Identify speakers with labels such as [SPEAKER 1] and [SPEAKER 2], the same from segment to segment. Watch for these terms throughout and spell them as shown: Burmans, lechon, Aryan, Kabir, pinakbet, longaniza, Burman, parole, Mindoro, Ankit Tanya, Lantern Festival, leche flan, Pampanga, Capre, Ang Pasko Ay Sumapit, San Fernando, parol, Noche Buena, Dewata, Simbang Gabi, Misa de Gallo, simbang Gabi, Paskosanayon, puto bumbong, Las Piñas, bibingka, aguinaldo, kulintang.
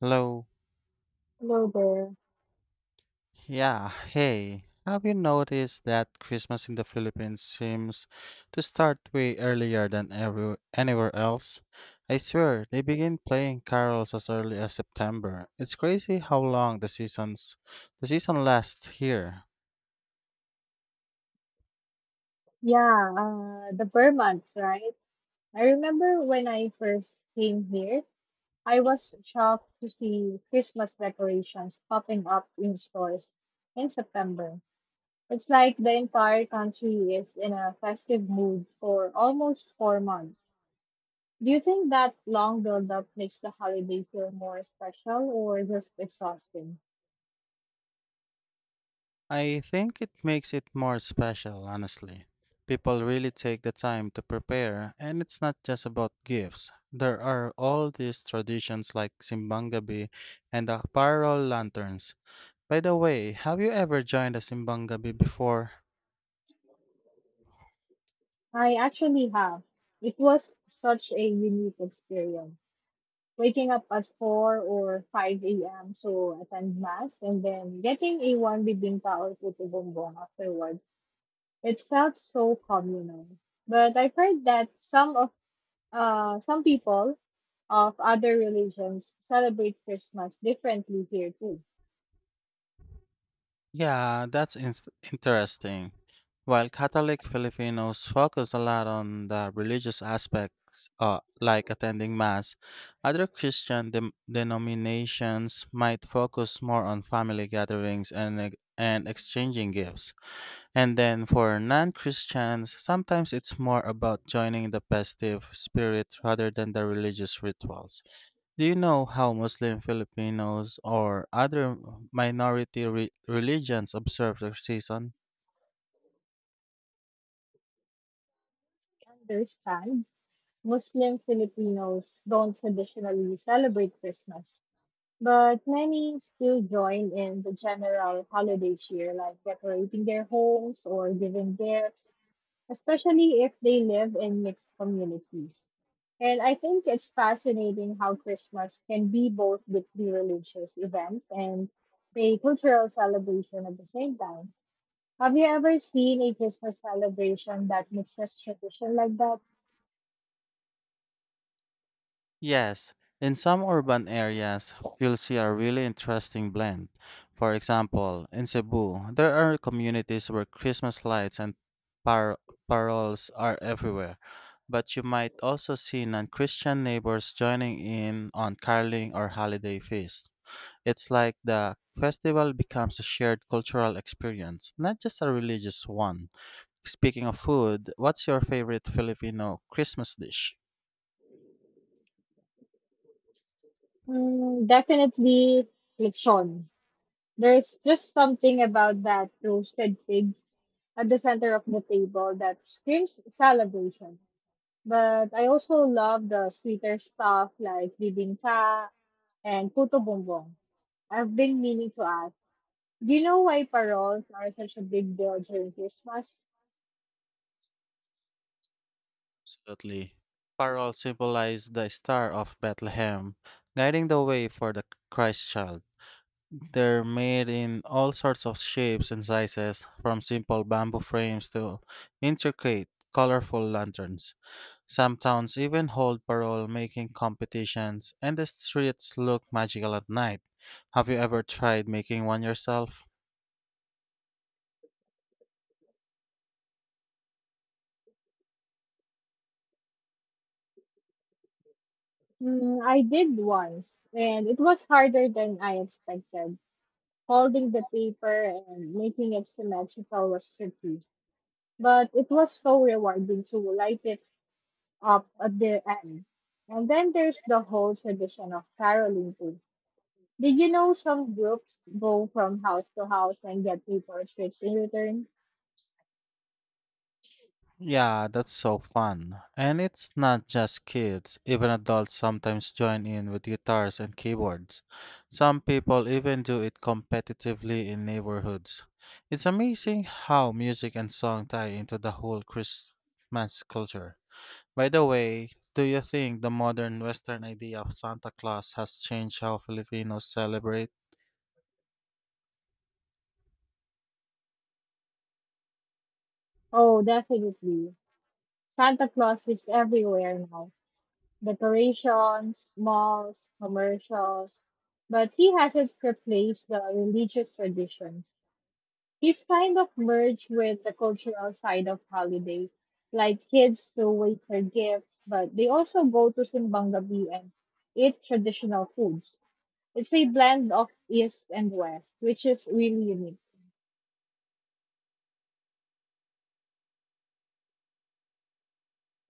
[SPEAKER 1] Hello.
[SPEAKER 2] Hello there.
[SPEAKER 1] Yeah, hey. Have you noticed that Christmas in the Philippines seems to start way earlier than anywhere else? I swear, they begin playing carols as early as September. It's crazy how long the seasons the season lasts here.
[SPEAKER 2] Yeah, the Burmans, right? I remember when I first came here, I was shocked to see Christmas decorations popping up in stores in September. It's like the entire country is in a festive mood for almost 4 months. Do you think that long build-up makes the holiday feel more special or just exhausting?
[SPEAKER 1] I think it makes it more special, honestly. People really take the time to prepare, and it's not just about gifts. There are all these traditions like simbang Gabi and the parol lanterns. By the way, have you ever joined a simbang Gabi before?
[SPEAKER 2] I actually have. It was such a unique experience, waking up at 4 or 5 a.m. to attend mass and then getting a one bibingka or puto bumbong afterwards. It felt so communal. But I've heard that some people of other religions celebrate Christmas differently here too.
[SPEAKER 1] Yeah, interesting. While Catholic Filipinos focus a lot on the religious aspects, like attending Mass, other Christian denominations might focus more on family gatherings and exchanging gifts. And then for non Christians, sometimes it's more about joining the festive spirit rather than the religious rituals. Do you know how Muslim Filipinos or other minority religions observe their season?
[SPEAKER 2] I understand Muslim Filipinos don't traditionally celebrate Christmas, but many still join in the general holiday cheer, like decorating their homes or giving gifts, especially if they live in mixed communities. And I think it's fascinating how Christmas can be both deeply religious event and a cultural celebration at the same time. Have you ever seen a Christmas celebration that mixes tradition like that?
[SPEAKER 1] Yes, in some urban areas, you'll see a really interesting blend. For example, in Cebu, there are communities where Christmas lights and par- parols are everywhere, but you might also see non Christian neighbors joining in on caroling or holiday feasts. It's like the festival becomes a shared cultural experience, not just a religious one. Speaking of food, what's your favorite Filipino Christmas dish?
[SPEAKER 2] Mm, definitely lechon. There's just something about that roasted pig at the center of the table that screams celebration. But I also love the sweeter stuff like bibingka and Puto Bumbong. I've been meaning to ask, do you know why paroles are such a big deal during Christmas?
[SPEAKER 1] Absolutely. Parol symbolized the star of Bethlehem, guiding the way for the Christ child. They're made in all sorts of shapes and sizes, from simple bamboo frames to intricate, colorful lanterns. Some towns even hold parole making competitions, and the streets look magical at night. Have you ever tried making one yourself?
[SPEAKER 2] Mm, I did once, and it was harder than I expected. Folding the paper and making it symmetrical was tricky, but it was so rewarding to light it up at the end. And then there's the whole tradition of caroling too. Did you know some groups go from house to house and get paper streets in return?
[SPEAKER 1] Yeah, that's so fun. And it's not just kids, even adults sometimes join in with guitars and keyboards. Some people even do it competitively in neighborhoods. It's amazing how music and song tie into the whole Christmas culture. By the way, do you think the modern Western idea of Santa Claus has changed how Filipinos celebrate?
[SPEAKER 2] Oh, definitely. Santa Claus is everywhere now. Decorations, malls, commercials. But he hasn't replaced the religious traditions. He's kind of merged with the cultural side of holiday, like kids who wait for gifts, but they also go to Simbang Gabi and eat traditional foods. It's a blend of East and West, which is really unique.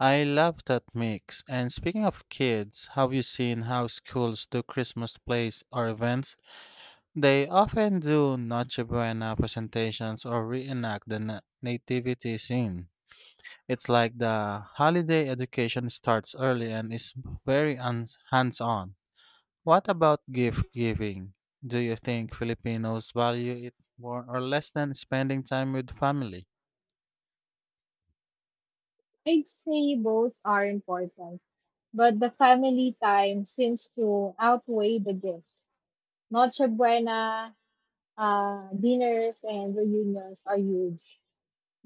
[SPEAKER 1] I love that mix. And speaking of kids, have you seen how schools do Christmas plays or events? They often do Noche Buena presentations or reenact the nativity scene. It's like the holiday education starts early and is very hands on. What about gift giving? Do you think Filipinos value it more or less than spending time with family?
[SPEAKER 2] I'd say both are important, but the family time seems to outweigh the gifts. Noche Buena dinners and reunions are huge.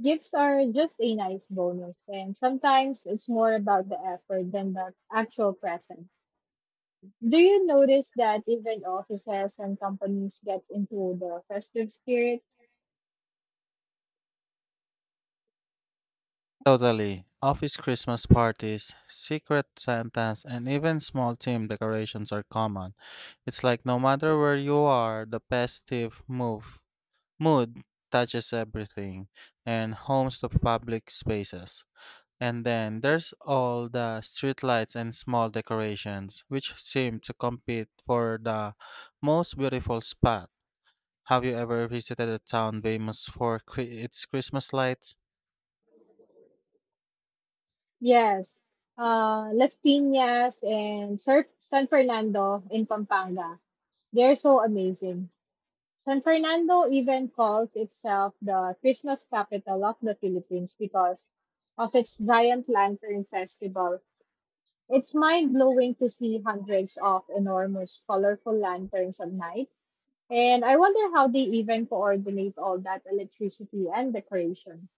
[SPEAKER 2] Gifts are just a nice bonus, and sometimes it's more about the effort than the actual present. Do you notice that even offices and companies get into the festive spirit?
[SPEAKER 1] Totally. Office Christmas parties, secret Santas, and even small team decorations are common. It's like no matter where you are, the festive move mood touches everything and homes to public spaces. And then there's all the streetlights and small decorations, which seem to compete for the most beautiful spot. Have you ever visited a town famous for its Christmas lights?
[SPEAKER 2] Yes, Las Piñas and Sir San Fernando in Pampanga. They're so amazing. San Fernando even calls itself the Christmas capital of the Philippines because of its giant lantern festival. It's mind blowing to see hundreds of enormous, colorful lanterns at night. And I wonder how they even coordinate all that electricity and decoration.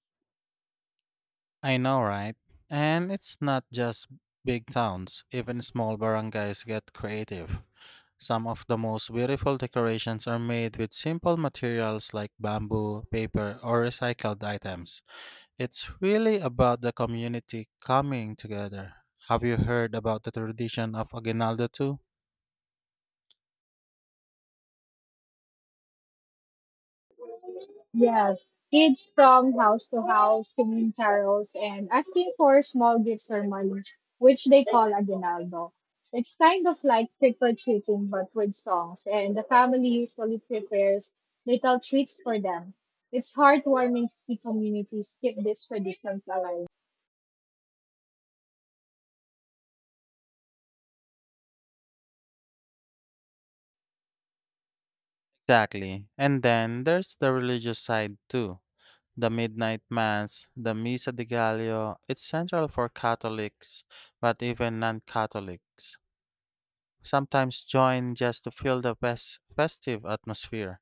[SPEAKER 1] I know, right? And it's not just big towns, even small barangays get creative. Some of the most beautiful decorations are made with simple materials like bamboo, paper, or recycled items. It's really about the community coming together. Have you heard about the tradition of Aguinaldo too?
[SPEAKER 2] Yes, kids from house to house singing carols and asking for small gifts or money, which they call aguinaldo. It's kind of like trick or treating, but with songs, and the family usually prepares little treats for them. It's heartwarming to see communities keep these traditions alive.
[SPEAKER 1] Exactly. And then there's the religious side too. The midnight mass, the Misa de Gallo, it's central for Catholics, but even non Catholics sometimes join just to feel the festive atmosphere.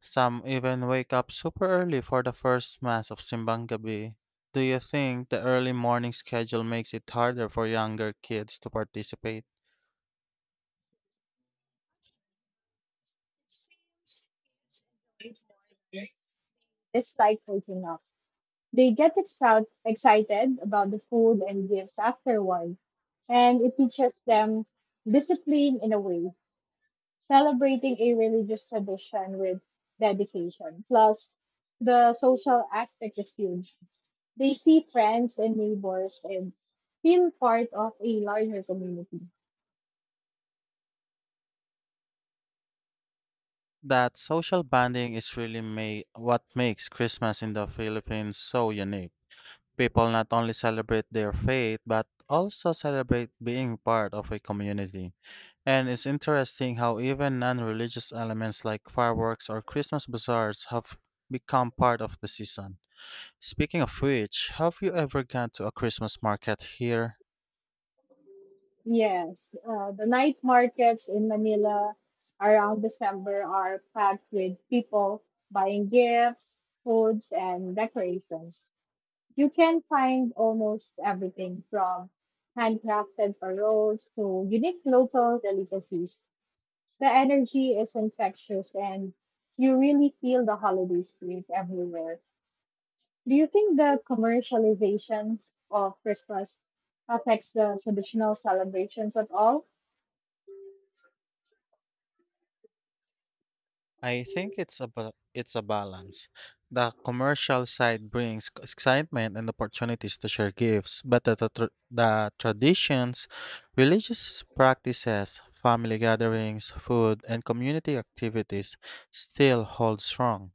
[SPEAKER 1] Some even wake up super early for the first mass of Simbang Gabi. Do you think the early morning schedule makes it harder for younger kids to participate?
[SPEAKER 2] It's like waking up. They get excited about the food and gifts afterward, and it teaches them discipline in a way, celebrating a religious tradition with dedication. Plus, the social aspect is huge. They see friends and neighbors and feel part of a larger community.
[SPEAKER 1] That social bonding is really what makes Christmas in the Philippines so unique. People not only celebrate their faith but also celebrate being part of a community. And it's interesting how even non-religious elements like fireworks or Christmas bazaars have become part of the season. Speaking of which, have you ever gone to a Christmas market here?
[SPEAKER 2] Yes, the night markets in Manila around December are packed with people buying gifts, foods, and decorations. You can find almost everything from handcrafted paroles to unique local delicacies. The energy is infectious and you really feel the holiday spirit everywhere. Do you think the commercialization of Christmas affects the traditional celebrations at all?
[SPEAKER 1] I think it's a ba- It's a balance. The commercial side brings excitement and opportunities to share gifts, but the traditions, religious practices, family gatherings, food, and community activities still hold strong.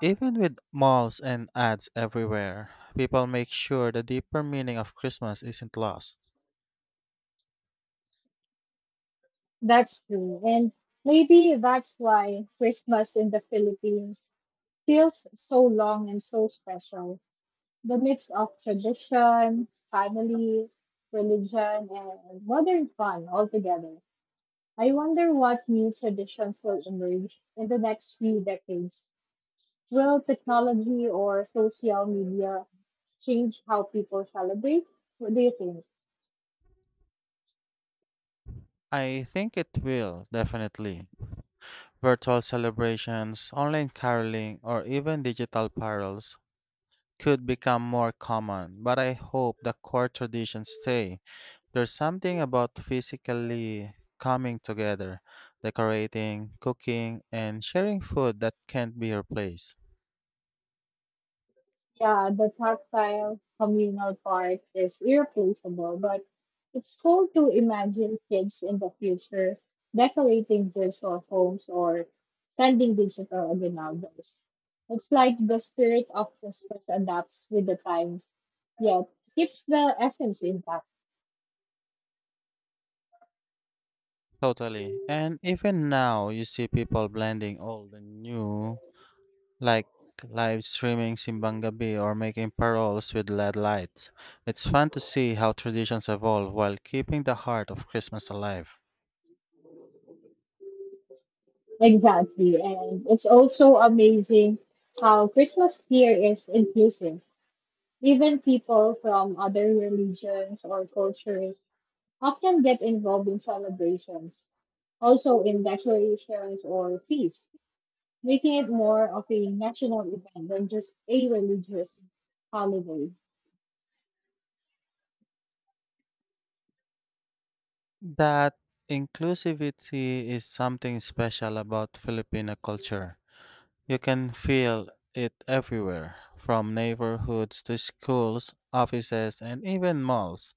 [SPEAKER 1] Even with malls and ads everywhere, people make sure the deeper meaning of Christmas isn't lost.
[SPEAKER 2] That's true. And maybe that's why Christmas in the Philippines feels so long and so special. The mix of tradition, family, religion, and modern fun all together. I wonder what new traditions will emerge in the next few decades. Will technology or social media change how people celebrate? What do you think?
[SPEAKER 1] I think it will, definitely. Virtual celebrations, online caroling, or even digital parols could become more common, but I hope the core traditions stay. There's something about physically coming together, decorating, cooking, and sharing food that can't be replaced.
[SPEAKER 2] Yeah, the tactile communal part is irreplaceable, but it's cool to imagine kids in the future decorating virtual homes or sending digital ordinals. It's like the spirit of Christmas adapts with the times, yet keeps the essence intact.
[SPEAKER 1] Totally. And even now, you see people blending old and new like live streaming simbang gabi or making paroles with LED lights. It's fun to see how traditions evolve while keeping the heart of Christmas alive.
[SPEAKER 2] Exactly, and it's also amazing how Christmas here is inclusive. Even people from other religions or cultures often get involved in celebrations, also in decorations or feasts, making it more of a national event than just a religious holiday.
[SPEAKER 1] That inclusivity is something special about Filipino culture. You can feel it everywhere, from neighborhoods to schools, offices, and even malls.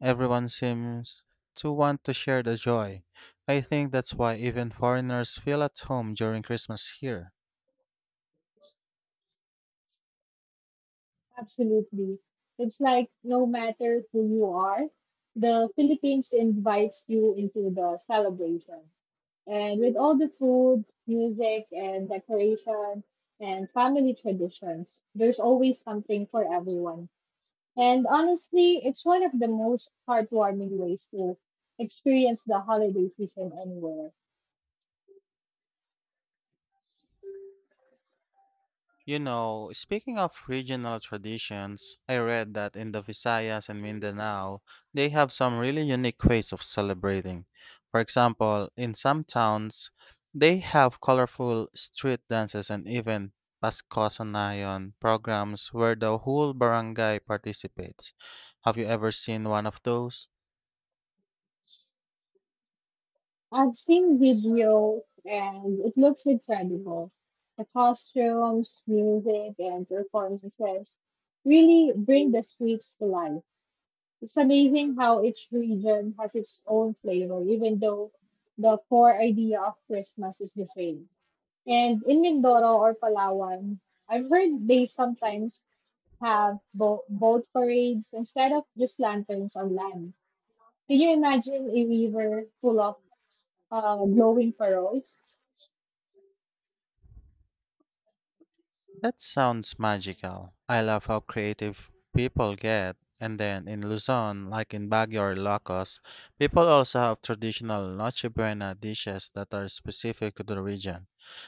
[SPEAKER 1] Everyone seems to want to share the joy. I think that's why even foreigners feel at home during Christmas here.
[SPEAKER 2] Absolutely. It's like no matter who you are, the Philippines invites you into the celebration. And with all the food, music, and decoration and family traditions, there's always something for everyone. And honestly, it's one of the most heartwarming ways to experience the holiday season anywhere.
[SPEAKER 1] You know, speaking of regional traditions, I read that in the Visayas and Mindanao, they have some really unique ways of celebrating. For example, in some towns, they have colorful street dances and even Paskosanayon programs where the whole barangay participates. Have you ever seen one of those?
[SPEAKER 2] I've seen video and it looks incredible. The costumes, music, and performances really bring the streets to life. It's amazing how each region has its own flavor, even though the core idea of Christmas is the same. And in Mindoro or Palawan, I've heard they sometimes have boat parades instead of just lanterns on land. Can you imagine a river full of glowing pearls?
[SPEAKER 1] That sounds magical. I love how creative people get. And then in Luzon, like in Baguio or Locos, people also have traditional Noche Buena dishes that are specific to the region.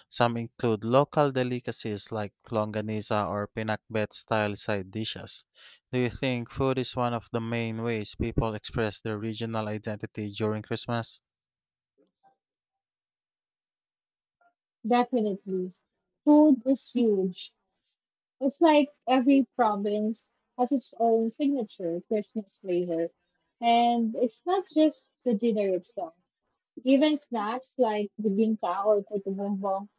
[SPEAKER 1] Some include local delicacies like longaniza or pinakbet style side dishes. Do you think food is one of the main ways people express their regional identity during Christmas?
[SPEAKER 2] Definitely. Food is huge. It's like every province has its own signature Christmas flavor. And it's not just the dinner itself. Even snacks like the ginka or puto bumbong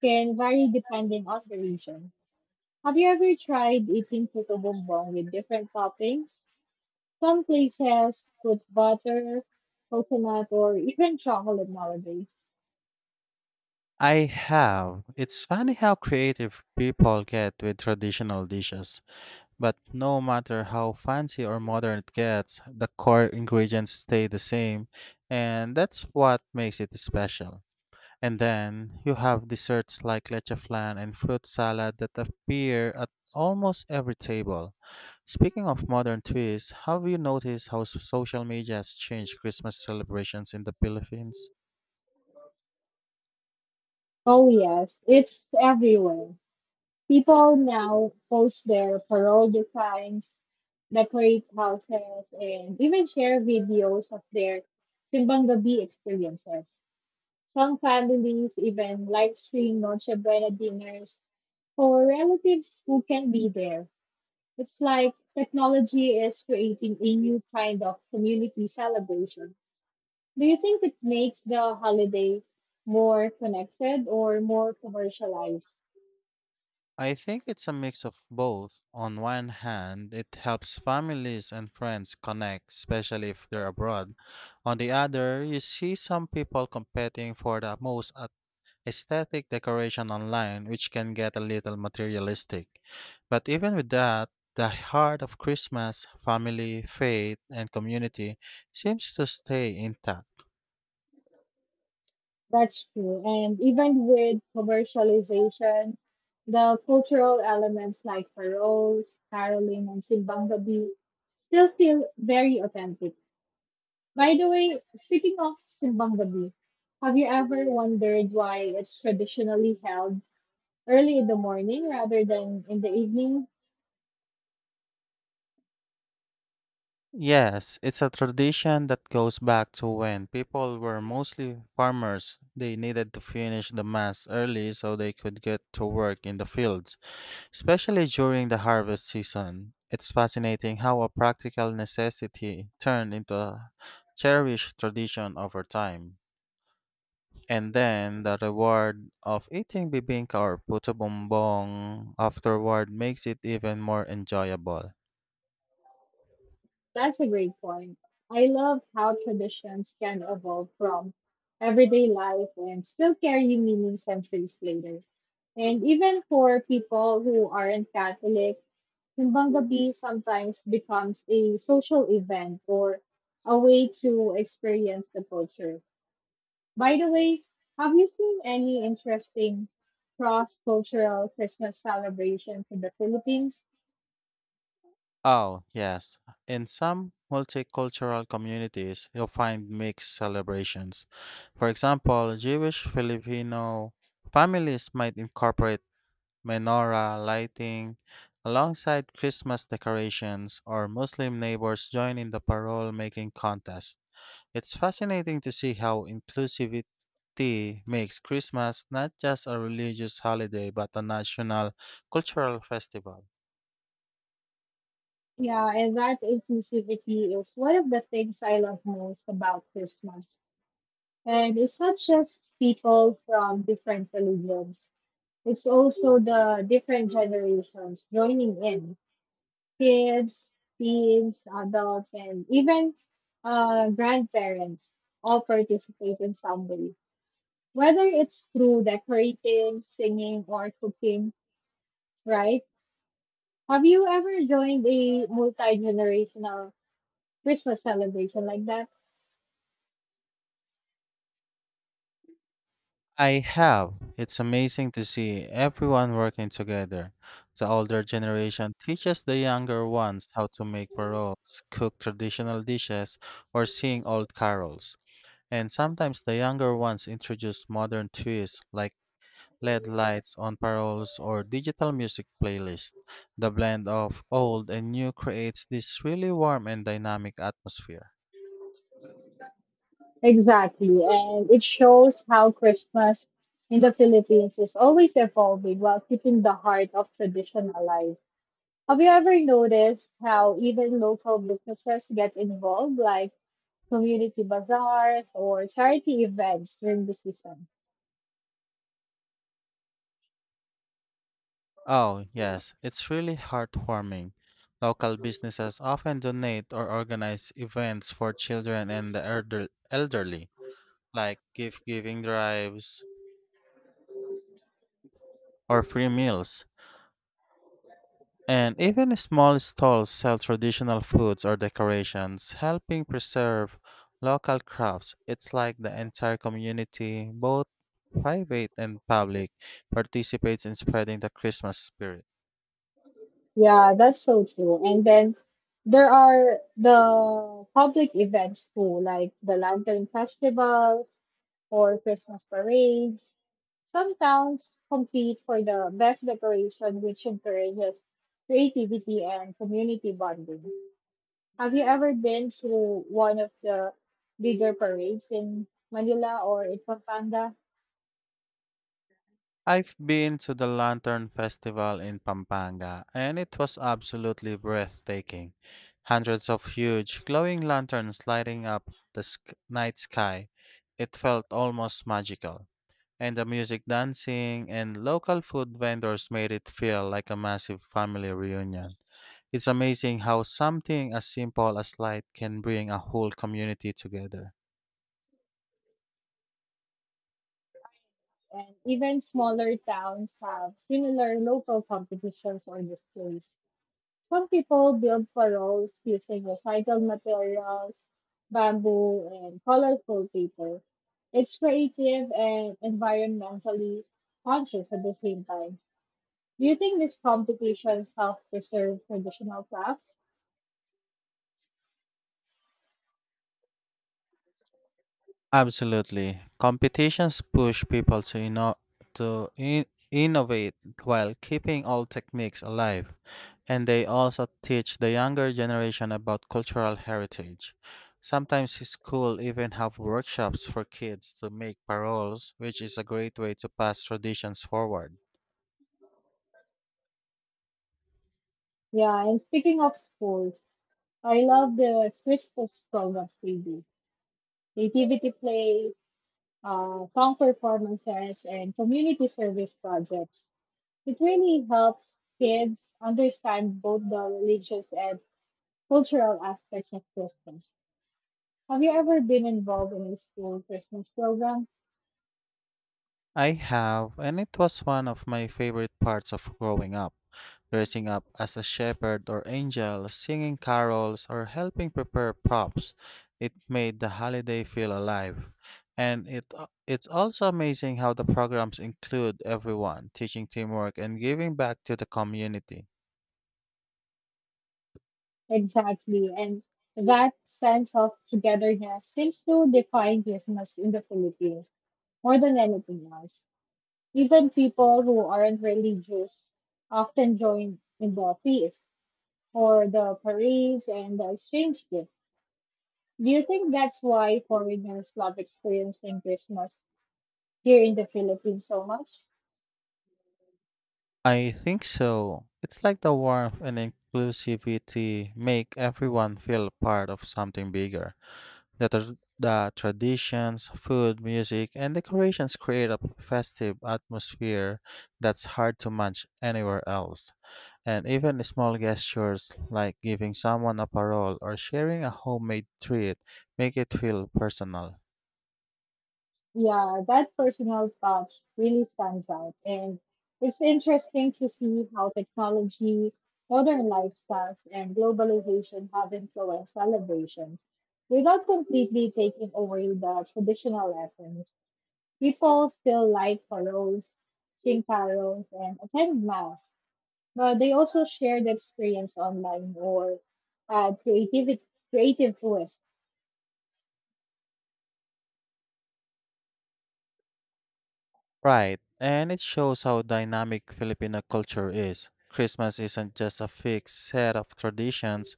[SPEAKER 2] can vary depending on the region. Have you ever tried eating puto bumbong with different toppings? Some places put butter, coconut, or even chocolate nowadays.
[SPEAKER 1] I have. It's funny how creative people get with traditional dishes. But no matter how fancy or modern it gets, the core ingredients stay the same, and that's what makes it special. And then you have desserts like leche flan and fruit salad that appear at almost every table. Speaking of modern twists, have you noticed how social media has changed Christmas celebrations in the Philippines?
[SPEAKER 2] Oh yes, it's everywhere. People now post their parole designs, decorate houses, and even share videos of their Simbang Gabi experiences. Some families even live stream Noche Buena dinners for relatives who can be there. It's like technology is creating a new kind of community celebration. Do you think it makes the holiday more connected or more commercialized?
[SPEAKER 1] I think it's a mix of both. On one hand, it helps families and friends connect, especially if they're abroad. On the other, you see some people competing for the most aesthetic decoration online, which can get a little materialistic. But even with that, the heart of Christmas, family, faith, and community seems to stay intact.
[SPEAKER 2] That's true. And even with commercialization, the cultural elements like carols, caroling, and simbang gabi still feel very authentic. By the way, speaking of simbang gabi, have you ever wondered why it's traditionally held early in the morning rather than in the evening?
[SPEAKER 1] Yes, it's a tradition that goes back to when people were mostly farmers. They needed to finish the mass early so they could get to work in the fields, especially during the harvest season. It's fascinating how a practical necessity turned into a cherished tradition over time. And then the reward of eating bibingka or puto bumbong afterward makes it even more enjoyable.
[SPEAKER 2] That's a great point. I love how traditions can evolve from everyday life and still carry meaning centuries later. And even for people who aren't Catholic, Timbang Gabi sometimes becomes a social event or a way to experience the culture. By the way, have you seen any interesting cross cultural Christmas celebrations in the Philippines?
[SPEAKER 1] Oh, yes. In some multicultural communities, you'll find mixed celebrations. For example, Jewish Filipino families might incorporate menorah lighting alongside Christmas decorations, or Muslim neighbors join in the parole making contest. It's fascinating to see how inclusivity makes Christmas not just a religious holiday but a national cultural festival.
[SPEAKER 2] Yeah, and that inclusivity is one of the things I love most about Christmas. And it's not just people from different religions, it's also the different generations joining in, kids, teens, adults, and even grandparents all participate in some way, whether it's through decorating, singing, or cooking, right? Have you ever joined a multi generational Christmas celebration like that?
[SPEAKER 1] I have. It's amazing to see everyone working together. The older generation teaches the younger ones how to make paroles, cook traditional dishes, or sing old carols. And sometimes the younger ones introduce modern twists like LED lights on paroles or digital music playlists. The blend of old and new creates this really warm and dynamic atmosphere.
[SPEAKER 2] Exactly. And it shows how Christmas in the Philippines is always evolving while keeping the heart of tradition alive. Have you ever noticed how even local businesses get involved, like community bazaars or charity events during the season?
[SPEAKER 1] Oh, yes, it's really heartwarming. Local businesses often donate or organize events for children and the elderly, like gift giving drives or free meals. And even small stalls sell traditional foods or decorations, helping preserve local crafts. It's like the entire community, both private and public, participates in spreading the Christmas spirit.
[SPEAKER 2] Yeah, that's so true. And then there are the public events too, like the Lantern Festival, or Christmas parades. Some towns compete for the best decoration, which encourages creativity and community bonding. Have you ever been through one of the bigger parades in Manila or in Pampanga?
[SPEAKER 1] I've been to the Lantern Festival in Pampanga, and it was absolutely breathtaking. Hundreds of huge, glowing lanterns lighting up the night sky. It felt almost magical. And the music, dancing, and local food vendors made it feel like a massive family reunion. It's amazing how something as simple as light can bring a whole community together.
[SPEAKER 2] And even smaller towns have similar local competitions or displays. Some people build paroles using recycled materials, bamboo, and colorful paper. It's creative and environmentally conscious at the same time. Do you think these competitions help preserve traditional crafts?
[SPEAKER 1] Absolutely. Competitions push people to innovate while keeping old techniques alive, and they also teach the younger generation about cultural heritage. Sometimes schools even have workshops for kids to make paroles, which is a great way to pass traditions forward.
[SPEAKER 2] Yeah, and speaking of schools, I love the Christmas programs they do. Creativity play, song performances, and community service projects. It really helps kids understand both the religious and cultural aspects of Christmas. Have you ever been involved in a school Christmas program?
[SPEAKER 1] I have, and it was one of my favorite parts of growing up. Dressing up as a shepherd or angel, singing carols, or helping prepare props, it made the holiday feel alive. And it's also amazing how the programs include everyone, teaching teamwork and giving back to the community.
[SPEAKER 2] Exactly, and that sense of togetherness seems to define Christmas in the Philippines more than anything else. Even people who aren't religious often join in the feast or the parades and the exchange gift. Do you think that's why foreigners love experiencing Christmas here in the Philippines so much?
[SPEAKER 1] I think so. It's like the warmth and inclusivity make everyone feel part of something bigger. The the traditions, food, music, and decorations create a festive atmosphere that's hard to match anywhere else. And even small gestures like giving someone a parole or sharing a homemade treat make it feel personal.
[SPEAKER 2] Yeah, that personal touch really stands out. And it's interesting to see how technology, modern lifestyles, and globalization have influenced celebrations. Without completely taking away the traditional lessons, people still light paroles, sing carols, and attend mass. But they also share the experience online or add creative twists.
[SPEAKER 1] Right, and it shows how dynamic Filipino culture is. Christmas isn't just a fixed set of traditions.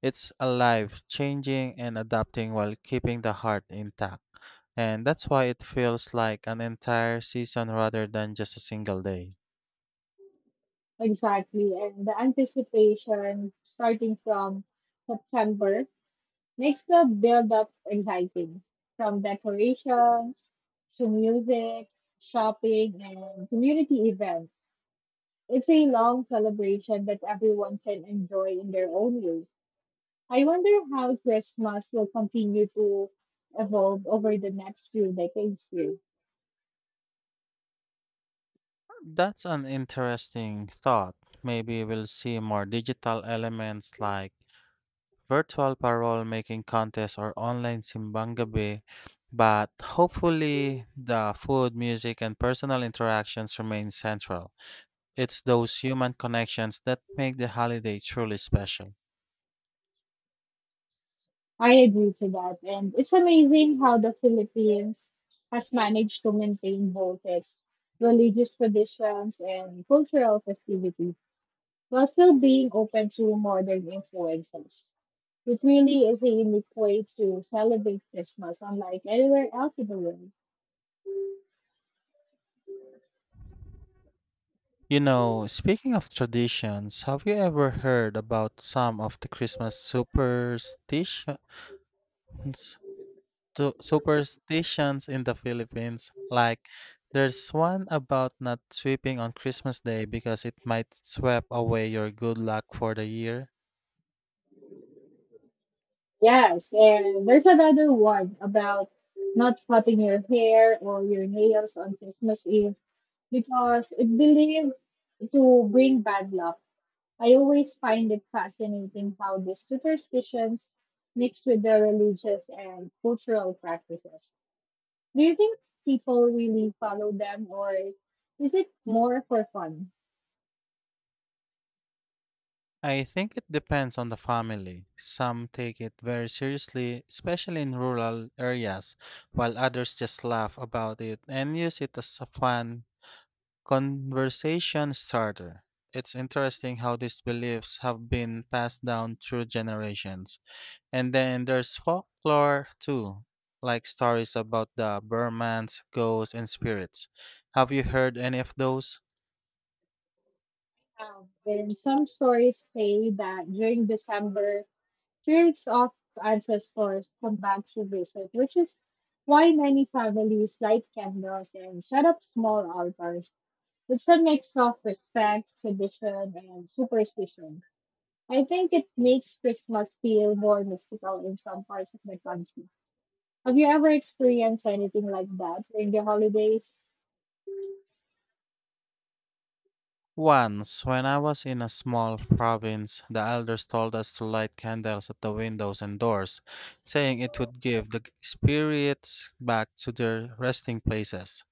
[SPEAKER 1] It's alive, changing and adapting while keeping the heart intact. And that's why it feels like an entire season rather than just a single day.
[SPEAKER 2] Exactly. And the anticipation starting from September makes the build up exciting. From decorations to music, shopping, and community events. It's a long celebration that everyone can enjoy in their own way. I wonder how Christmas will continue to evolve over the next few decades here.
[SPEAKER 1] That's an interesting thought. Maybe we'll see more digital elements like virtual parole making contests or online simbang gabi, but hopefully the food, music, and personal interactions remain central. It's those human connections that make the holiday truly special.
[SPEAKER 2] I agree to that. And it's amazing how the Philippines has managed to maintain both its religious traditions and cultural festivities while still being open to modern influences. It really is a unique way to celebrate Christmas, unlike anywhere else in the world.
[SPEAKER 1] You know, speaking of traditions, have you ever heard about some of the Christmas superstitions superstitions in the Philippines? Like there's one about not sweeping on Christmas Day because it might sweep away your good luck for the year.
[SPEAKER 2] Yes, and there's another one about not cutting your hair or your nails on Christmas Eve because it believed to bring bad luck. I always find it fascinating how these superstitions mix with their religious and cultural practices. Do you think people really follow them, or is it more for fun?
[SPEAKER 1] I think it depends on the family. Some take it very seriously, especially in rural areas, while others just laugh about it and use it as a fun conversation starter. It's interesting how these beliefs have been passed down through generations. And then there's folklore too, like stories about the Burmans, ghosts, and spirits. Have you heard any of those?
[SPEAKER 2] And some stories say that during December, spirits of ancestors come back to visit, which is why many families light candles and set up small altars. It's a mix of respect, tradition, and superstition. I think it makes Christmas feel more mystical in some parts of the country. Have you ever experienced anything like that during the holidays?
[SPEAKER 1] Once, when I was in a small province, the elders told us to light candles at the windows and doors, saying it would give the spirits back to their resting places.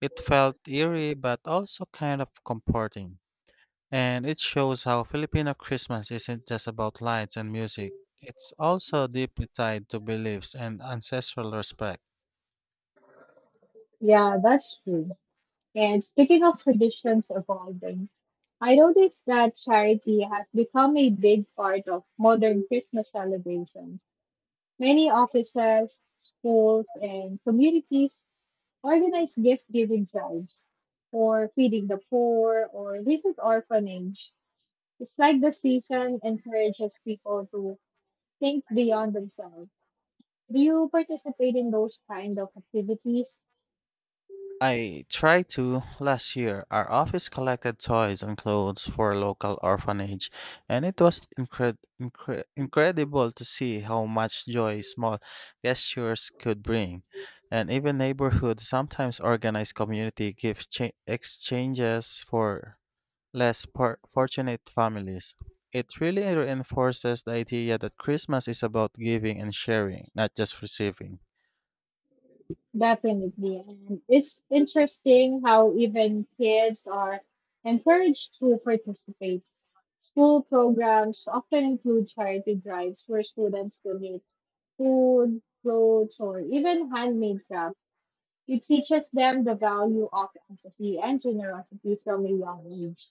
[SPEAKER 1] It felt eerie but also kind of comforting. And it shows how Filipino Christmas isn't just about lights and music. It's also deeply tied to beliefs and ancestral respect.
[SPEAKER 2] Yeah, that's true. And speaking of traditions evolving, I noticed that charity has become a big part of modern Christmas celebrations. Many offices, schools, and communities organize gift giving drives for feeding the poor or visit orphanage. It's like the season encourages people to think beyond themselves. Do you participate in those kind of activities?
[SPEAKER 1] I tried to last year. Our office collected toys and clothes for a local orphanage, and it was incredible to see how much joy small gestures could bring. And even neighborhoods sometimes organize community exchanges for less fortunate families. It really reinforces the idea that Christmas is about giving and sharing, not just receiving.
[SPEAKER 2] Definitely. And it's interesting how even kids are encouraged to participate. School programs often include charity drives where students donate food, clothes, or even handmade crafts. It teaches them the value of empathy and generosity from a young age.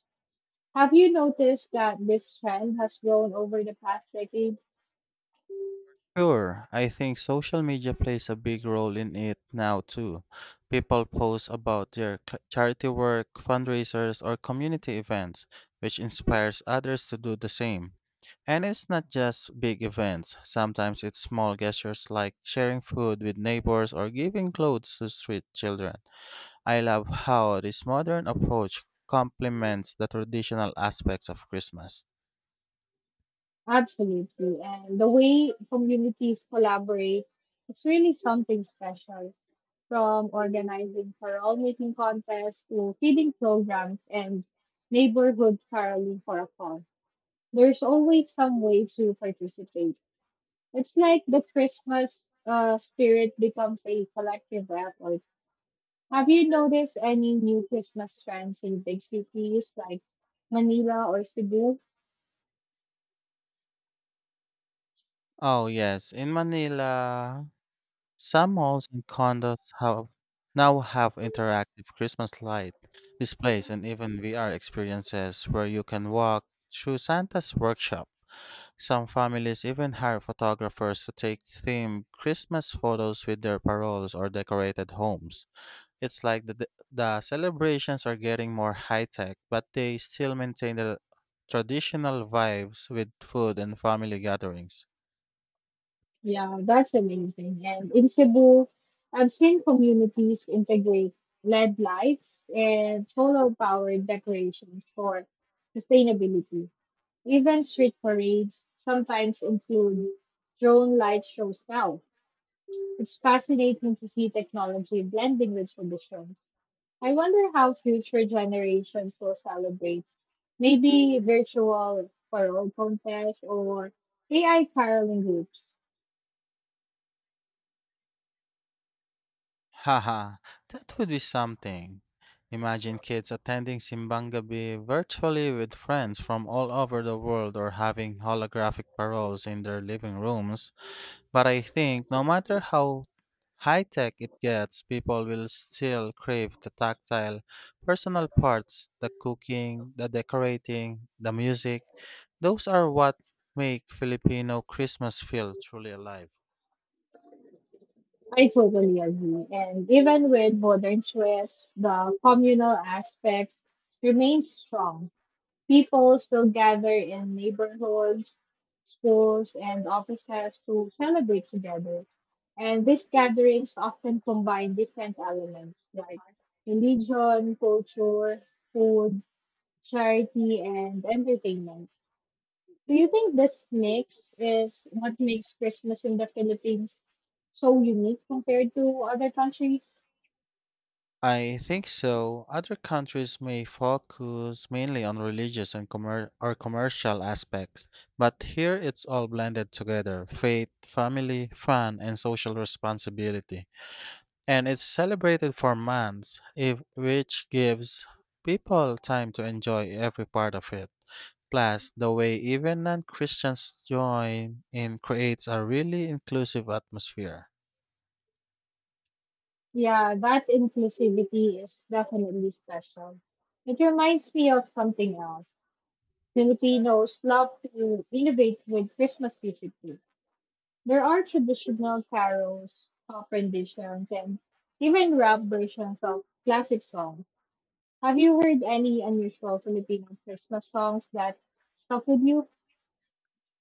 [SPEAKER 2] Have you noticed that this trend has grown over the past decade?
[SPEAKER 1] Sure, I think social media plays a big role in it now too. People post about their charity work, fundraisers, or community events, which inspires others to do the same. And it's not just big events, sometimes it's small gestures like sharing food with neighbors or giving clothes to street children. I love how this modern approach complements the traditional aspects of Christmas.
[SPEAKER 2] Absolutely. And the way communities collaborate is really something special, from organizing choral making contests to feeding programs and neighborhood caroling for a cause. There's always some way to participate. It's like the Christmas spirit becomes a collective effort. Have you noticed any new Christmas trends in big cities like Manila or Cebu?
[SPEAKER 1] Oh, yes, in Manila. Some malls and condos have now have interactive Christmas light displays and even VR experiences where you can walk through Santa's workshop. Some families even hire photographers to take themed Christmas photos with their paroles or decorated homes. It's like the celebrations are getting more high tech, but they still maintain the traditional vibes with food and family gatherings.
[SPEAKER 2] Yeah, that's amazing. And in Cebu, I've seen communities integrate LED lights and solar powered decorations for sustainability. Even street parades sometimes include drone light shows now. It's fascinating to see technology blending with tradition. I wonder how future generations will celebrate. Maybe virtual parole contest or AI caroling groups.
[SPEAKER 1] Haha, that would be something. Imagine kids attending Simbang Gabi virtually with friends from all over the world or having holographic paroles in their living rooms. But I think no matter how high tech it gets, people will still crave the tactile, personal parts, the cooking, the decorating, the music. Those are what make Filipino Christmas feel truly alive.
[SPEAKER 2] I totally agree. And even with modern twists, the communal aspect remains strong. People still gather in neighborhoods, schools, and offices to celebrate together. And these gatherings often combine different elements like religion, culture, food, charity, and entertainment. Do you think this mix is what makes Christmas in the Philippines so unique compared to other countries?
[SPEAKER 1] I think so. Other countries may focus mainly on religious or commercial aspects, but here it's all blended together faith, family, fun, and social responsibility. And it's celebrated for months, if, which gives people time to enjoy every part of it. Plus, the way even non Christians join in creates a really inclusive atmosphere.
[SPEAKER 2] Yeah, that inclusivity is definitely special. It reminds me of something else. Filipinos love to innovate with Christmas music too. There are traditional carols, pop renditions, and even rap versions of classic songs. Have you heard any unusual Filipino Christmas songs that stuck with you?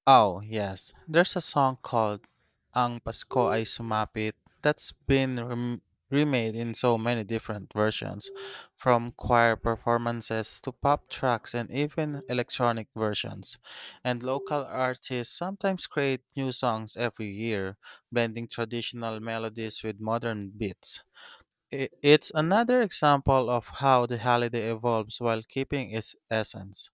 [SPEAKER 1] Oh, yes. There's a song called Ang Pasko Ay Sumapit that's been remade in so many different versions, from choir performances to pop tracks and even electronic versions. And local artists sometimes create new songs every year, blending traditional melodies with modern beats. It's another example of how the holiday evolves while keeping its essence.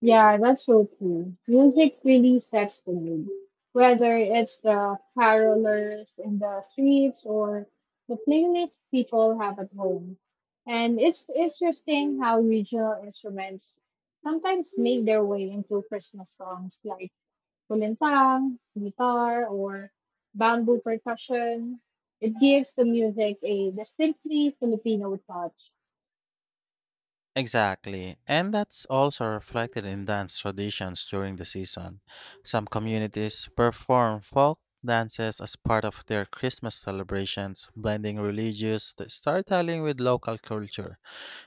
[SPEAKER 2] Yeah, that's so true. Music really sets the mood. Whether it's the carolers in the streets or the playlist people have at home. And it's interesting how regional instruments sometimes make their way into Christmas songs like kulintang, guitar, or bamboo percussion. It gives the music a distinctly Filipino touch.
[SPEAKER 1] Exactly. And that's also reflected in dance traditions during the season. Some communities perform folk dances as part of their Christmas celebrations, blending storytelling with local culture.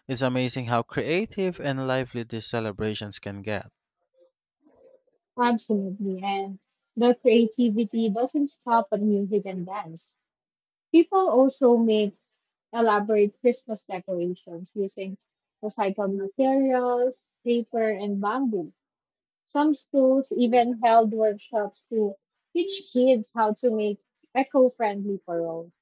[SPEAKER 1] It's amazing how creative and lively these celebrations can get.
[SPEAKER 2] Absolutely. And the creativity doesn't stop at music and dance. People also make elaborate Christmas decorations using recycled materials, paper, and bamboo. Some schools even held workshops to teach kids how to make eco-friendly paroles.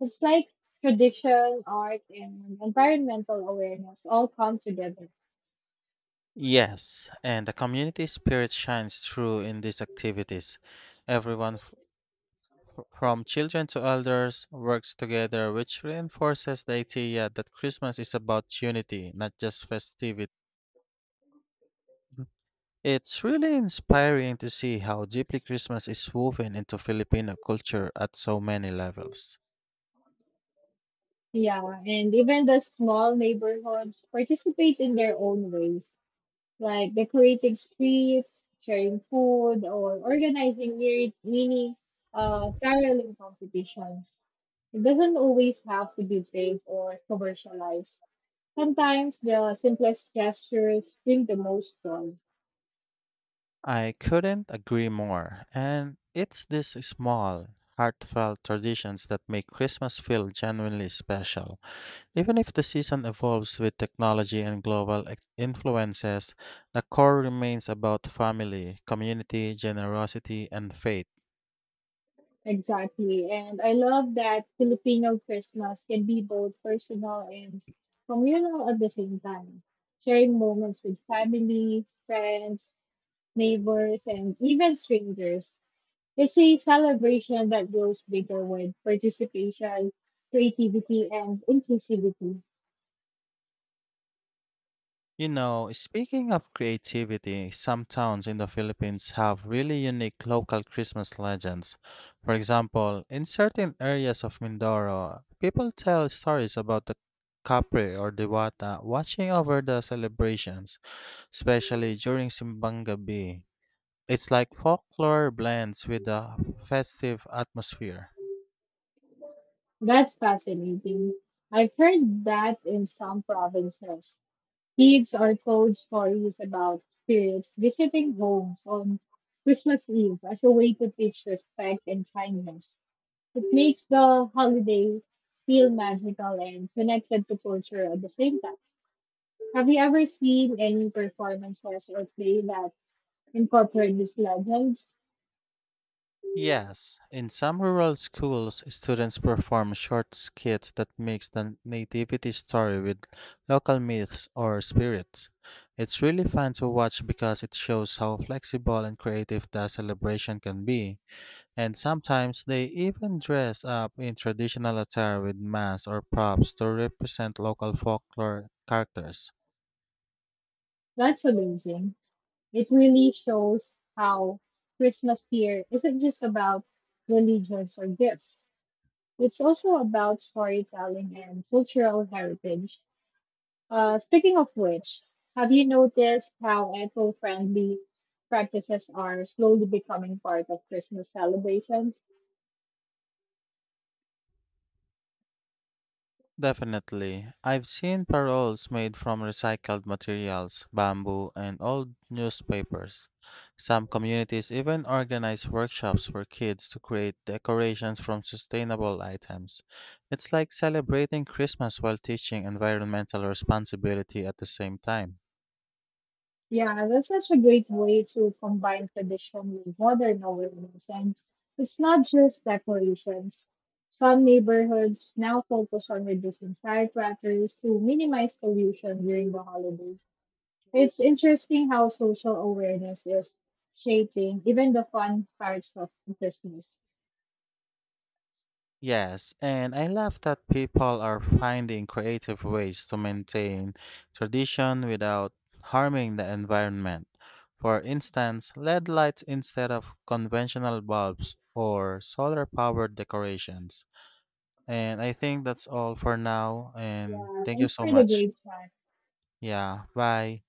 [SPEAKER 2] It's like tradition, art, and environmental awareness all come together.
[SPEAKER 1] Yes, and the community spirit shines through in these activities. Everyone from children to elders, works together, which reinforces the idea that Christmas is about unity, not just festivity. It's really inspiring to see how deeply Christmas is woven into Filipino culture at so many levels.
[SPEAKER 2] Yeah, and even the small neighborhoods participate in their own ways, like decorating streets, sharing food, or organizing mini caroling competitions. It doesn't always have to be big or commercialized. Sometimes the simplest gestures bring the most joy.
[SPEAKER 1] I couldn't agree more, and it's these small, heartfelt traditions that make Christmas feel genuinely special. Even if the season evolves with technology and influences, the core remains about family, community, generosity, and faith.
[SPEAKER 2] Exactly. And I love that Filipino Christmas can be both personal and communal at the same time, sharing moments with family, friends, neighbors, and even strangers. It's a celebration that grows bigger with participation, creativity, and inclusivity.
[SPEAKER 1] You know, speaking of creativity, some towns in the Philippines have really unique local Christmas legends. For example, in certain areas of Mindoro, people tell stories about the Capre or Dewata watching over the celebrations, especially during Simbang Gabi. It's like folklore blends with a festive atmosphere.
[SPEAKER 2] That's fascinating. I've heard that in some provinces. Eves are told stories about spirits visiting homes on Christmas Eve as a way to teach respect and kindness. It makes the holiday feel magical and connected to culture at the same time. Have you ever seen any performances or play that incorporate these legends?
[SPEAKER 1] Yes, in some rural schools, students perform short skits that mix the nativity story with local myths or spirits. It's really fun to watch because it shows how flexible and creative the celebration can be, and sometimes they even dress up in traditional attire with masks or props to represent local folklore characters.
[SPEAKER 2] That's amazing. It really shows how Christmas here isn't just about religions or gifts. It's also about storytelling and cultural heritage. Speaking of which, have you noticed how eco friendly practices are slowly becoming part of Christmas celebrations?
[SPEAKER 1] Definitely. I've seen paroles made from recycled materials, bamboo, and old newspapers. Some communities even organize workshops for kids to create decorations from sustainable items. It's like celebrating Christmas while teaching environmental responsibility at the same time.
[SPEAKER 2] Yeah, that's such a great way to combine tradition with modern awareness. And it's not just decorations. Some neighborhoods now focus on reducing firecrackers to minimize pollution during the holidays. It's interesting how social awareness is shaping even the fun parts of Christmas.
[SPEAKER 1] Yes, and I love that people are finding creative ways to maintain tradition without harming the environment. For instance, LED lights instead of conventional bulbs or solar powered decorations. And I think that's all for now. And
[SPEAKER 2] Yeah,
[SPEAKER 1] thank you
[SPEAKER 2] thanks
[SPEAKER 1] so
[SPEAKER 2] for the
[SPEAKER 1] much.
[SPEAKER 2] great time.
[SPEAKER 1] Yeah, bye.